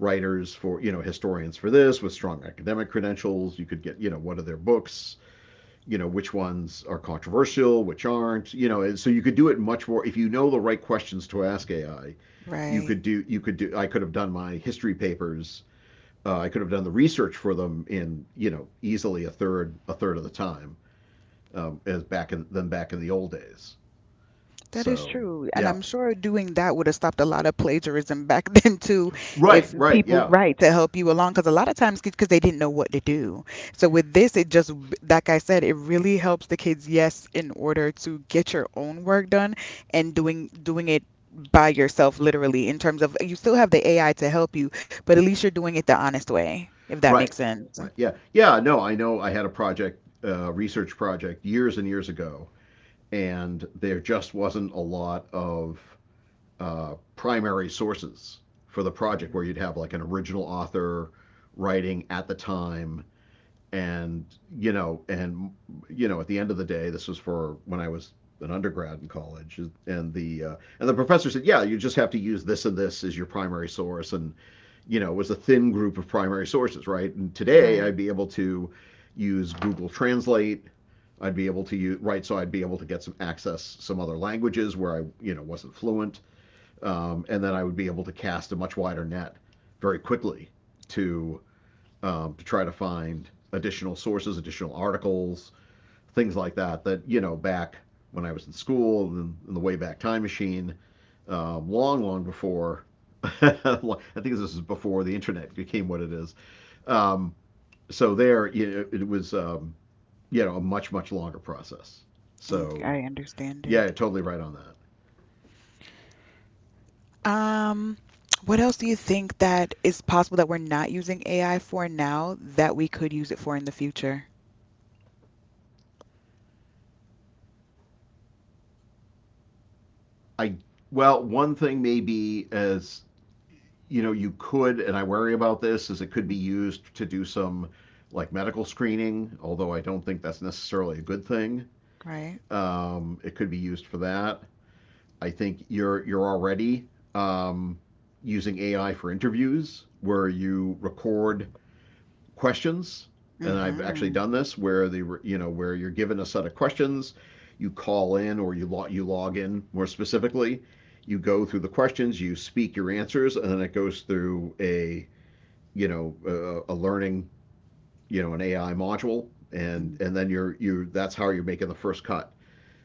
writers for, you know, historians for this with strong academic credentials. You could get, you know, what are their books, you know, which ones are controversial, which aren't, you know. And so you could do it much more if you know the right questions to ask AI. You Right. could do, you could do, I could have done my history papers, I could have done the research for them in, you know, easily a third of the time, as back in than back in the old days. That is So true. And yeah, I'm sure doing that would have stopped a lot of plagiarism back then too, right, if right, people, yeah. right, to help you along. Because a lot of times, because they didn't know what to do. So with this, it just, like I said, it really helps the kids, yes, in order to get your own work done and doing it by yourself, literally, in terms of you still have the AI to help you, but at least you're doing it the honest way, if that Right. makes sense. Right. Yeah. Yeah. No, I know I had a project, research project years and years ago, and there just wasn't a lot of primary sources for the project, where you'd Mm. have like an original author writing at the time. And, and, you know, at the end of the day, this was for when I was an undergrad in college, and the professor said, yeah, you just have to use this and this as your primary source, and you know, was a thin group of primary sources, right? And today I'd Right. be able to use Google Translate. I'd be able to use, right, so I'd be able to get some, access some other languages where I, you know, wasn't fluent, and then I would be able to cast a much wider net very quickly to to try to find additional sources, additional articles, things like that. That, you know, back when I was in school and in the way back time machine, long, long before. I think this is before the internet became what it is. Um, so there, you, it was you know, a much much longer process. And So I understand yeah, it. you're totally right on that. Um, what else do you think that is possible that we're not using AI for now that we could use it for in the future? I, well, one thing maybe be as, you know, you could, and I worry about this, is it could be Mhm. used to do some like medical screening. Although I don't think that's necessarily a good thing. Right? It could be used for that. I think you're already um, using AI for interviews where you record questions, and I've actually Mm-hmm. done this where they were, you know, where you're given a set of questions, you call in or you log in more specifically, you go through the questions, you speak your answers, and then it goes through a, you know, a, learning, you know, an AI module, Mm. and then you're you, that's how you're making the first cut.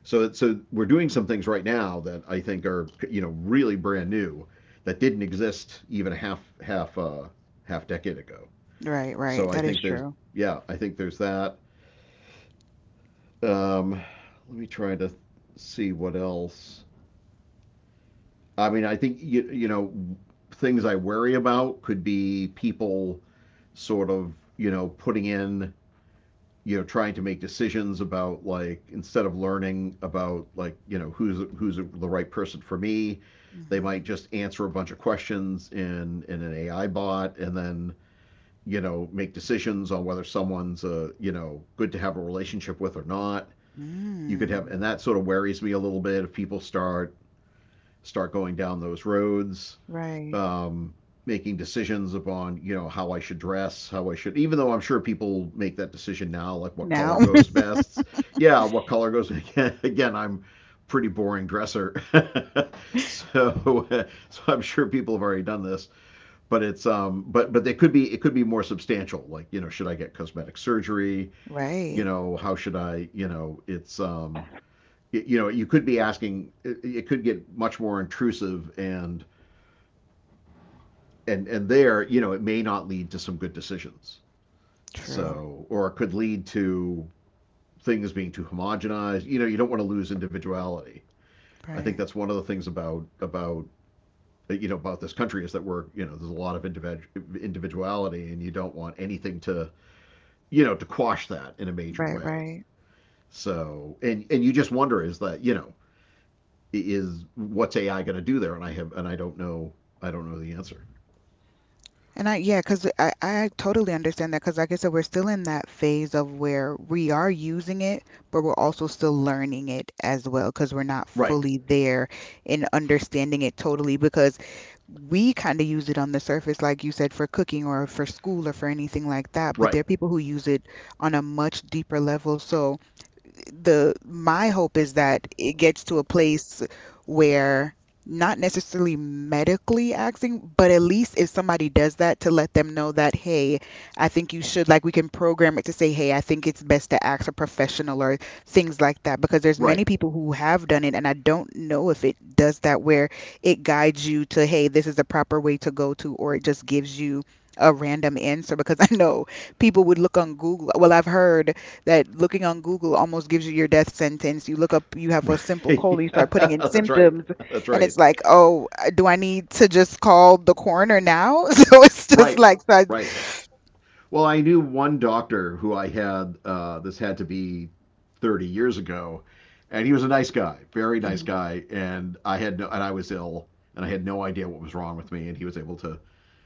So so we're doing some things right now that I think are, you know, really brand new, that didn't exist even a half half decade ago. Right, right. So I That is think there's, true. yeah, I think there's that. Let me try to see what else. I mean, I think you, you know, things I worry about could be people sort of, you know, putting in, you know, trying to make decisions about like, instead of learning about like, you know, who's the right person for me, they Mm-hmm. might just answer a bunch of questions in an AI bot, and then, you know, make decisions on whether someone's, you know, good to have a relationship with or not. You could have, Mm. and that sort of worries me a little bit if people start going down those roads, Right. um, making decisions upon, you know, how I should dress, how I should. Even though I'm sure people make that decision now, like what color Now. goes best. Yeah, what color goes again? Again, I'm pretty boring dresser, so so I'm sure people have already done this. But it's, but they could be, it could be more substantial. Like, you know, should I get cosmetic surgery? You Right. know, how should I? You know, it's, You know, you could be asking. It could get much more intrusive, and there, you know, it may not lead to some good decisions. True. So, or it could lead to things being too homogenized. You know, you don't want to lose individuality. I think Right. that's one of the things about, you know, about this country, is that we're, you know, there's a lot of individuality, and you don't want anything to, you know, to quash that in a major Right, way. right. So, and you just wonder, is that, you know, is what's AI going to do there? And I have, and I don't know, I don't know the answer. And I, yeah, because I totally understand that. Because, like I said, we're still in that phase of where we are using it, but we're also still learning it as well, because we're not Right, fully there in understanding it totally. Because we kind of use it on the surface, like you said, for cooking or for school or for anything like that. But right, there are people who use it on a much deeper level. So, the, my hope is that it gets to a place where, not necessarily medically asking, but at least if somebody does that, to let them know that, hey, I think you should, like, we can program it to say, "Hey, I think it's best to ask a professional," or things like that, because there's many right. people who have done it, and I don't know if it does that, where it guides you to, hey, this is the proper way to go to, or it just gives you a random answer, because I know people would look on Google. Well, I've heard that looking on Google almost gives you your death sentence. You look up, you have a simple cold, Right. you start putting in That's right. symptoms, That's and right. it's like, oh, do I need to just call the coroner now? So it's just Right. like, so I- Right. Well, I knew one doctor who I had, this had to be 30 years ago, and he was a nice guy, very nice Mhm. guy. And I had no, and I was ill, and I had no idea what was wrong with me, and he was able to,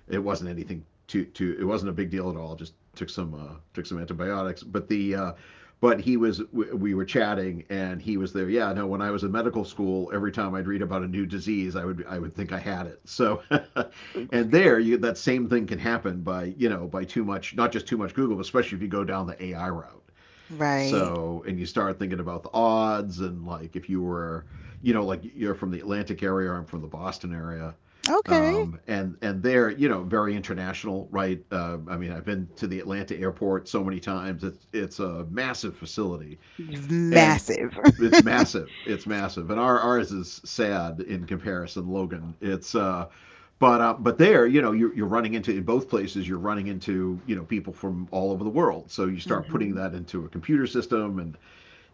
it wasn't anything too too. It wasn't a big deal at all. Just took some antibiotics. But the but we were chatting and he was there. Yeah, no. When I was in medical school, every time I'd read about a new disease, I would think I had it. So, and there you that same thing can happen by by too much, not just too much Google, but especially if you go down the AI route. Right. So, and you start thinking about the odds, and like if you were, you know, like you're from the Atlantic area, I'm from the Boston area. Okay. And they're, you know, very international, right? I mean, I've been to the Atlanta airport so many times. It's a massive facility, and Massive. it's massive. It's massive, and ours is sad in comparison. Logan, it's. But there, you know, you're running into, in both places. You're running into, you know, people from all over the world. So you start putting hmm that into a computer system, and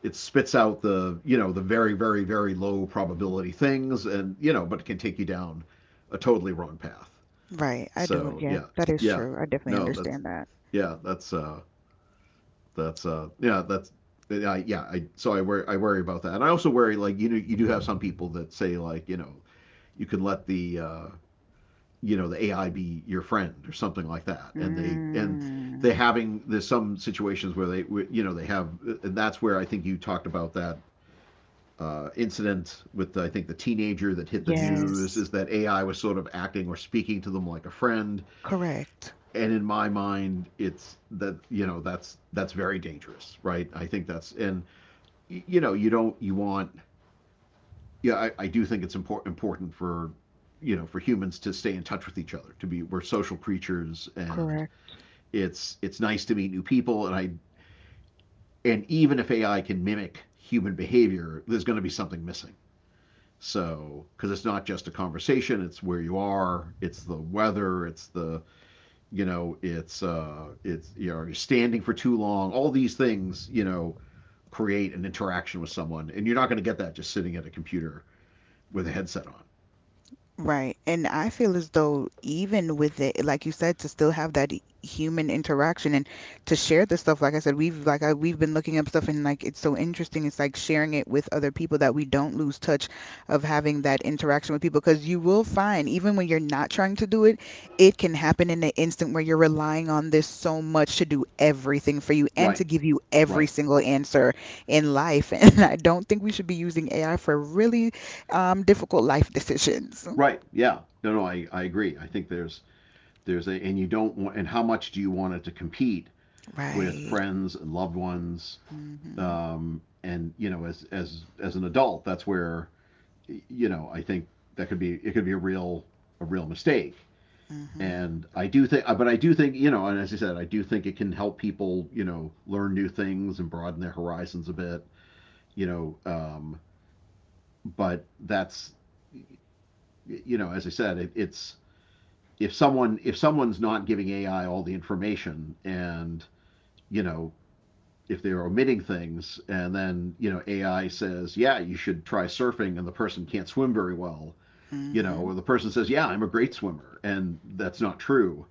it spits out the, you know, the very low probability things, and you know, but it can take you down a totally wrong path. Right. I do it. So Yeah, yeah, that is yeah, true. I definitely no, that's understand that. yeah, that's yeah, I worry about that, and I also worry like, you know, you do have some people that say, like, you know, you can let the you know, the AI be your friend or something like that, and Mm. they having, there's some situations where they, you know, they have, and that's where I think you talked about that incident with the, I think the teenager that hit the news, Yes. is that AI was sort of acting or speaking to them like a friend, Correct. and in my mind, it's that you know that's very dangerous, right? I think that's, and you know, you don't you want. Yeah, I do think it's important for, you know, for humans to stay in touch with each other. To be, we're social creatures, and it's nice to meet new people. And I and even if AI can mimic human behavior, there's going to be something missing. So, because it's not just a conversation, it's where you are, it's the weather, it's the, you know, it's, you know, you're standing for too long. All these things, you know, create an interaction with someone. And you're not going to get that just sitting at a computer with a headset on. Right. And I feel as though even with it, like you said, to still have that human interaction and to share the stuff, like I said, we've been looking up stuff and like it's so interesting. It's like sharing it with other people that we don't lose touch of having that interaction with people because you will find even when you're not trying to do it, it can happen in an instant where you're relying on this so much to do everything for you and Right, to give you every right, single answer in life. And I don't think we should be using AI for really difficult life decisions. right. Yeah, no, no, I agree. I think there's a, and you don't want, and how much do you want it to compete with Right. friends and loved ones? Mhm. And you know, as as an adult, that's where, you know, I think that could be, it could be a real mistake. Mhm. And I do think, but I do think, you know, and as I said, I do think it can help people, you know, learn new things and broaden their horizons a bit, you know. But that's, you know, as I said, it's if someone's not giving AI all the information, and you know, if they're omitting things, and then, you know, AI says, yeah, you should try surfing and the person can't swim very well, you know, Mhm. or the person says, yeah, I'm a great swimmer and that's not true,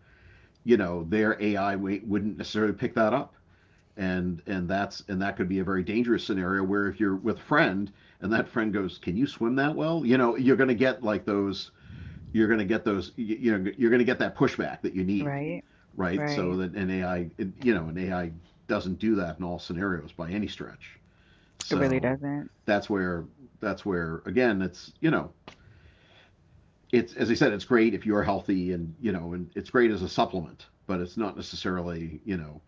you know, their AI wouldn't necessarily pick that up, and that's, and that could be a very dangerous scenario where if you're with a friend, and that friend goes, can you swim that well? You know, you're going to get like those, you're going to get those, you, know, you're going to get that pushback that you need, Right. right? So Right. that an AI, you know, an AI doesn't do that in all scenarios by any stretch. It really So doesn't. that's where, that's where again, it's, you know, it's as I said, it's great if you're healthy, and you know, and it's great as a supplement, but it's not necessarily, you know,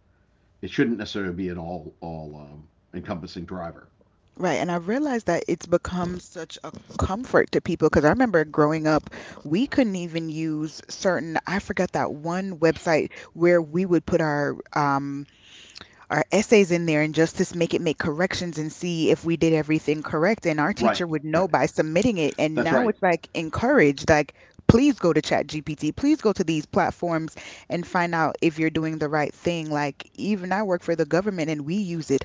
it shouldn't necessarily be an all encompassing driver. Right, and I realized that it's become such a comfort to people because I remember growing up, we couldn't even use certain, I forgot that one website where we would put our essays in there and just to make it make corrections and see if we did everything correct. And our Right, teacher would right, know by submitting it. And that's now right, it's like encouraged, like, please go to ChatGPT, please go to these platforms and find out if you're doing the right thing. Like, even I work for the government and we use it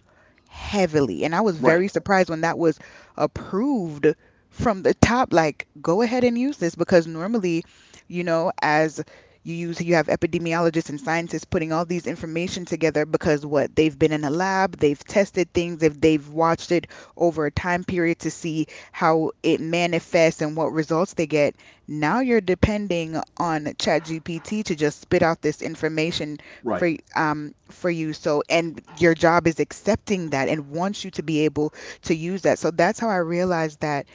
heavily. And I was right, very surprised when that was approved from the top, like, go ahead and use this because normally, you know, as you have epidemiologists and scientists putting all these information together because what they've been in a lab, they've tested things, if they've watched it over a time period to see how it manifests and what results they get. Now you're depending on ChatGPT to just spit out this information for right, for you. So and your job is accepting that and wants you to be able to use that. So that's how I realized that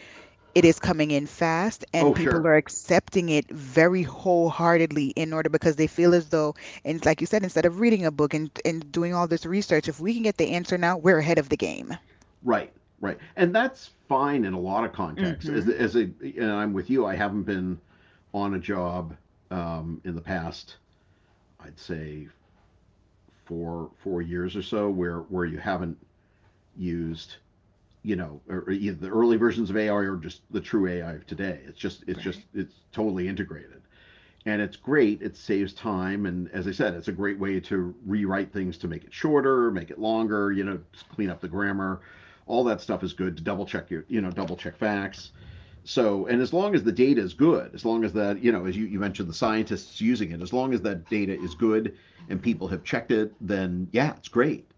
it is coming in fast oh and people sure. are accepting it very wholeheartedly in order because they feel as though, and it's like you said, instead of reading a book and doing all this research, if we can get the answer now we're ahead of the game. Right, right, and that's fine in a lot of contexts. As Mm-hmm. as a, and I'm with you. I haven't been on a job, in the past, I'd say four four years or so, where you haven't used, you know, or either the early versions of AI or just the true AI of today. It's just, it's Right. just it's totally integrated, and it's great. It saves time, and as I said, it's a great way to rewrite things, to make it shorter, make it longer. You know, clean up the grammar. All that stuff is good, to double check your, you know, double check facts. So, and as long as the data is good, as long as that, you know, as you, you mentioned, the scientists using it, as long as that data is good and Mm-hmm. people have checked it, then yeah, it's great.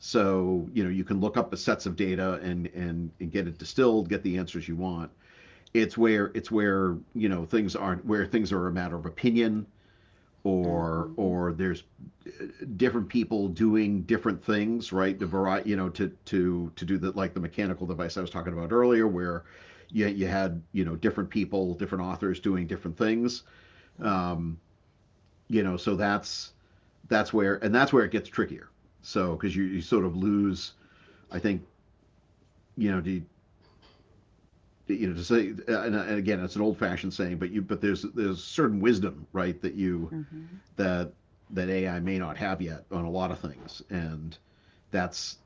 So, you know, you can look up the sets of data and get it distilled, get the answers you want. It's where, you know, things aren't, where things are a matter of opinion, Mm-hmm. or there's different people doing different things, right? The variety, you know, to to do the, like the mechanical device I was talking about earlier, where you had, you know, different people, different authors doing different things. Mm-hmm. Um, you know, so that's where, and that's where it gets trickier. So because you sort of lose, I think, you know, do you, you know, to say and again, it's an old fashioned saying, but you, but there's certain wisdom, right, that you Mm-hmm. that that AI may not have yet on a lot of things, and that's,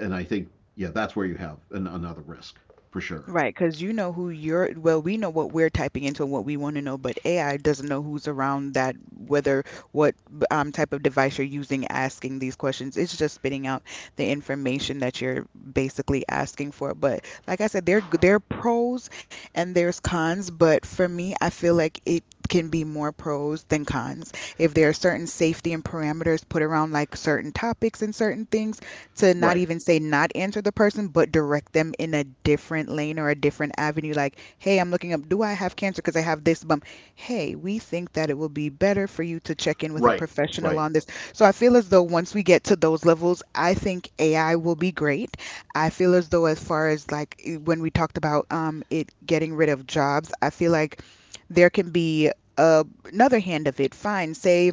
and I think, yeah, that's where you have an, another risk for sure. Right, because you know who you're, well, we know what we're typing into and what we want to know, but AI doesn't know who's around that, whether what type of device you're using asking these questions. It's just spitting out the information that you're basically asking for. But like I said, there are pros and there's cons, but for me, I feel like it can be more pros than cons. If there are certain safety and parameters put around like certain topics and certain things, to not Right, even say not answer the person, but direct them in a different lane or a different avenue. Like, hey, I'm looking up, do I have cancer because I have this bump? Hey, we think that it will be better for you to check in with a right, professional right, on this. So I feel as though once we get to those levels, I think AI will be great. I feel as though, as far as like when we talked about it getting rid of jobs, I feel like there can be uh, another hand of it. Fine, say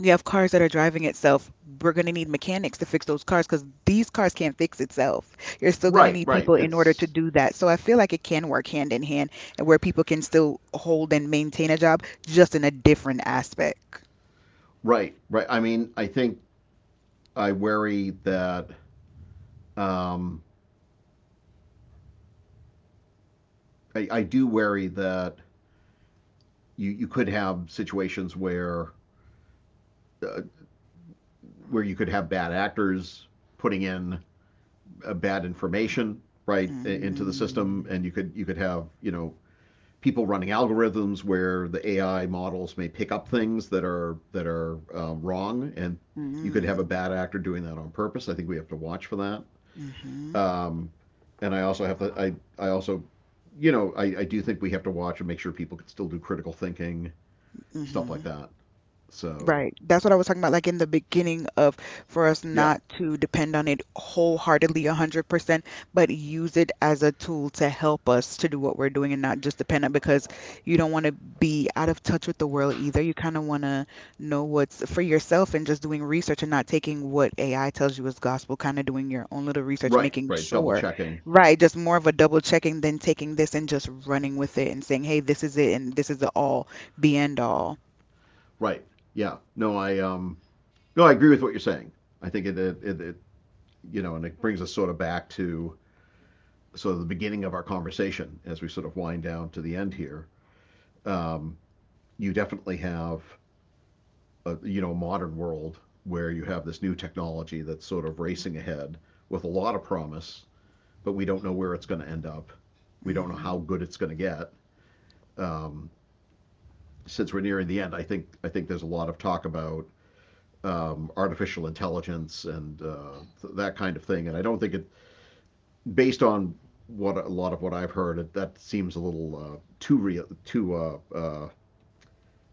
you have cars that are driving itself. We're going to need mechanics to fix those cars because these cars can't fix itself. You're still going to right, need right. people in order to It's do that. So I feel like it can work hand in hand and where people can still hold and maintain a job just in a different aspect. right, right. I mean, I think I worry that, um, I do worry that you could have situations uh, where you could have bad actors putting in bad information right into the system, Mm, and you could, you could have, you know, people running algorithms where the AI models may pick up things that are wrong, and you could have a mm, bad actor doing that on purpose. I think we have to watch for that. mhm, Um, and I also have to I also, you know, I do think we have to watch and make sure people can still do critical thinking stuff like mhm. that. So Right. That's what I was talking about, like in the beginning of, for us yeah, not to depend on it wholeheartedly 100%, but use it as a tool to help us to do what we're doing and not just depend on, because you don't want to be out of touch with the world either. You kind of want to know what's for yourself and just doing research and not taking what AI tells you as gospel, kind of doing your own little research, right, making right, double sure. checking, Right. Just more of a double checking than taking this and just running with it and saying, hey, this is it and this is the all, be end all. right, yeah. No, I um, no, I agree with what you're saying. I think it, you know, and it brings us sort of back to, so the beginning of our conversation, as we sort of wind down to the end here, um, you definitely have a, you know, modern world where you have this new technology that's sort of racing ahead with a lot of promise, but we don't know where it's going to end up, we don't know how Hmm. good it's going to get. Um, since we're nearing the end, I think there's a lot of talk about artificial intelligence and that kind of thing, and I don't think it, based on, what a lot of what I've heard, it, that seems a little too real, too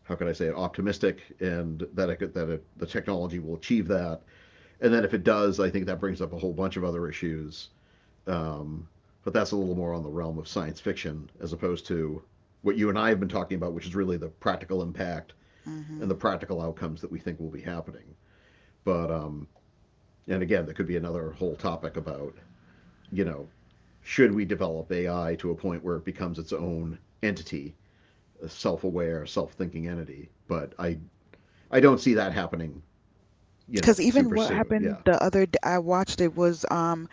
how can I say it, optimistic, and that it, the technology will achieve that. And then if it does, I think that brings up a whole bunch of other issues. Um, but that's a little more on the realm of science fiction, as opposed to what you and I have been talking about, which is really the practical impact and the Hmm. practical outcomes that we think will be happening. But and again, there could be another whole topic about, you know, should we develop AI to a point where it becomes its own entity, a self-aware, self-thinking entity. But I don't see that happening, you Because know, even super what soon. happened Yeah. the other day, I watched, it was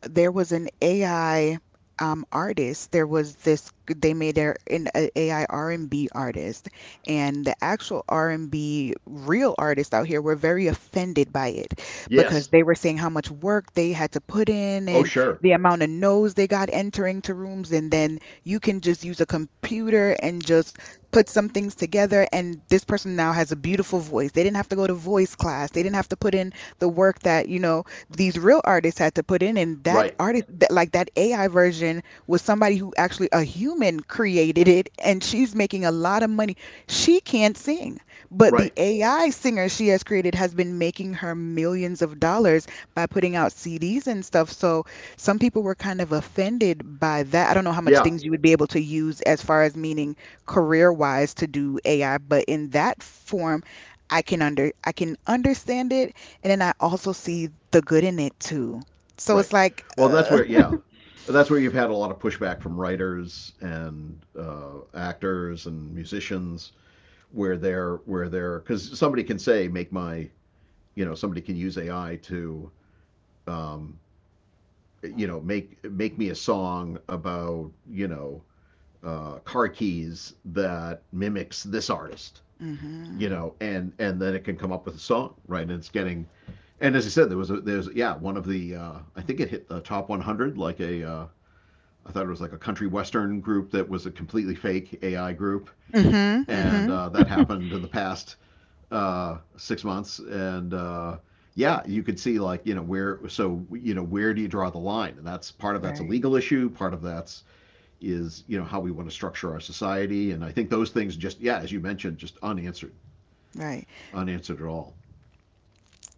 there was an AI artist. There was this. They made AI R&B artist, and the actual R&B real artists out here were very offended by it because Yes. they were saying how much work they had to put in Oh, and sure. the amount of no's they got entering to rooms, and then you can just use a computer and just put some things together, and this person now has a beautiful voice. They didn't have to go to voice class, they didn't have to put in the work that, you know, these real artists had to put in. And that Right. artist, that AI version was somebody who actually a human created it, and she's making a lot of money. She can't sing, but the Right. AI singer she has created has been making her millions of dollars by putting out CDs and stuff. So some people were kind of offended by that. I don't know how much Yeah. things you would be able to use as far as meaning career wise to do AI, but in that form I can understand it, and then I also see the good in it too. So Right. it's like, Well, that's where yeah, that's where you've had a lot of pushback from writers and actors and musicians, where they're because somebody can say, make my, you know, somebody can use AI to, um, you know, make, make me a song about, you know, car keys, that mimics this artist, you mhm, know, and then it can come up with a song, right? And it's getting, and as I said, there was a, there's yeah, one of the I think it hit the top 100, like a I thought it was like a country western group, that was a completely fake AI group, mm mhm, mm and mhm. that happened in the past 6 months, and yeah, you could see like, you know, where, so you know, where do you draw the line, and that's part of, that's a Right, legal issue, part of that's is, you know, how we want to structure our society, and I think those things just yeah, as you mentioned, just unanswered, right. unanswered at all.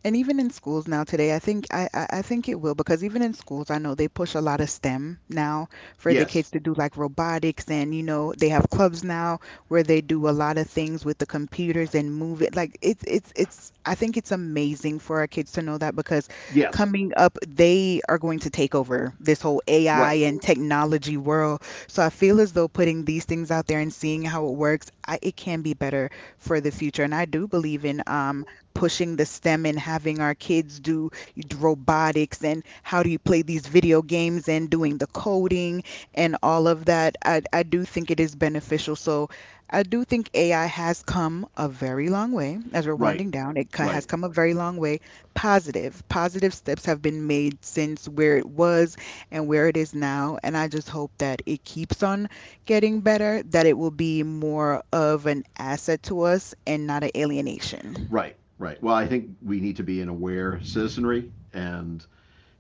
And even in schools now today, I think it will, because even in schools, I know they push a lot of STEM now for the Yes, kids to do like robotics, and you know they have clubs now where they do a lot of things with the computers and move it. Like it's I think it's amazing for our kids to know that because yes, coming up they are going to take over this whole AI right, and technology world. So I feel as though putting these things out there and seeing how it works, I, it can be better for the future. And I do believe in pushing the STEM and having our kids do robotics and how do you play these video games and doing the coding and all of that. I do think it is beneficial. So I do think AI has come a very long way. As we're right, winding down, has right, come a very long way. Positive, positive steps have been made since where it was and where it is now. And I just hope that it keeps on getting better, that it will be more of an asset to us and not an alienation. right, right. Well, I think we need to be an aware citizenry, and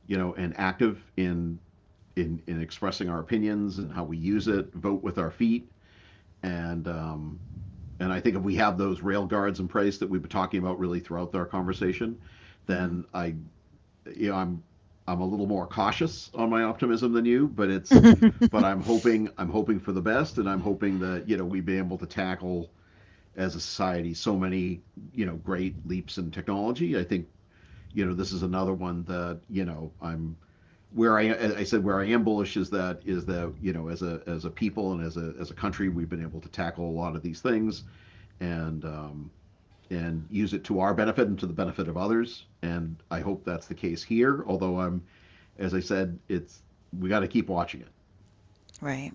you know, and active in in expressing our opinions and how we use it, vote with our feet, and and I think if we have those rail guards in place that we've been talking about really throughout our conversation, Hmm. then I, you know, I'm a little more cautious on my optimism than you, but it's, but I'm hoping for the best, and I'm hoping that, you know, we've been able to tackle, as a society, so many, you know, great leaps in technology. I think, you know, this is another one that, you know, I'm where I said where I am bullish, is that is that, you know, as a people, and as a country, we've been able to tackle a lot of these things, and um, and use it to our benefit and to the benefit of others. And I hope that's the case here. Although I'm, as I said, it's, we got to keep watching it. Right.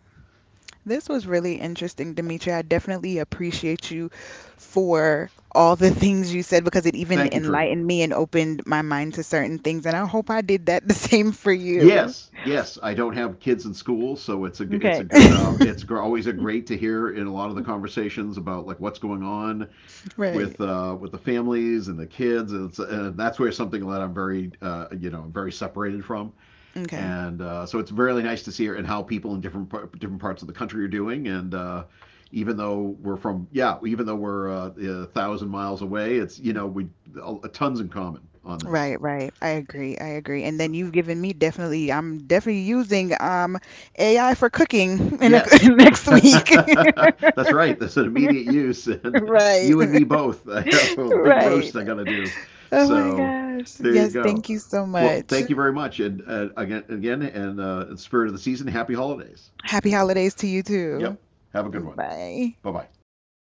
This was really interesting, Demetri. I definitely appreciate you for all the things you said, because it even Thank you, Corinne. enlightened me and opened my mind to certain things. And I hope I did that the same for you. Yes, yes, I don't have kids in school, so it's a, it's a Okay. good it's always a great to hear in a lot of the conversations about, like, what's going on Right. With the families and the kids, and, it's, and that's where something that I'm very you know, I'm very separated from. Okay. And so it's really nice to see her and how people in different different parts of the country are doing. And even though we're from, yeah, even though we're 1,000 miles away, it's, you know, we, a, tons in common on this. Right, right. I agree. I agree. And So then you've given me definitely, I'm definitely using AI for cooking in a, yes. next week. That's right. That's an immediate use, and Right. you and me both. I have a big roast Right. I gotta do. Oh my So, gosh. there you Yes, go. thank you so Well, much. thank you very much, and again, and in the spirit of the season, happy holidays. Happy holidays to you too. Yep. Have a good one. Bye. Bye.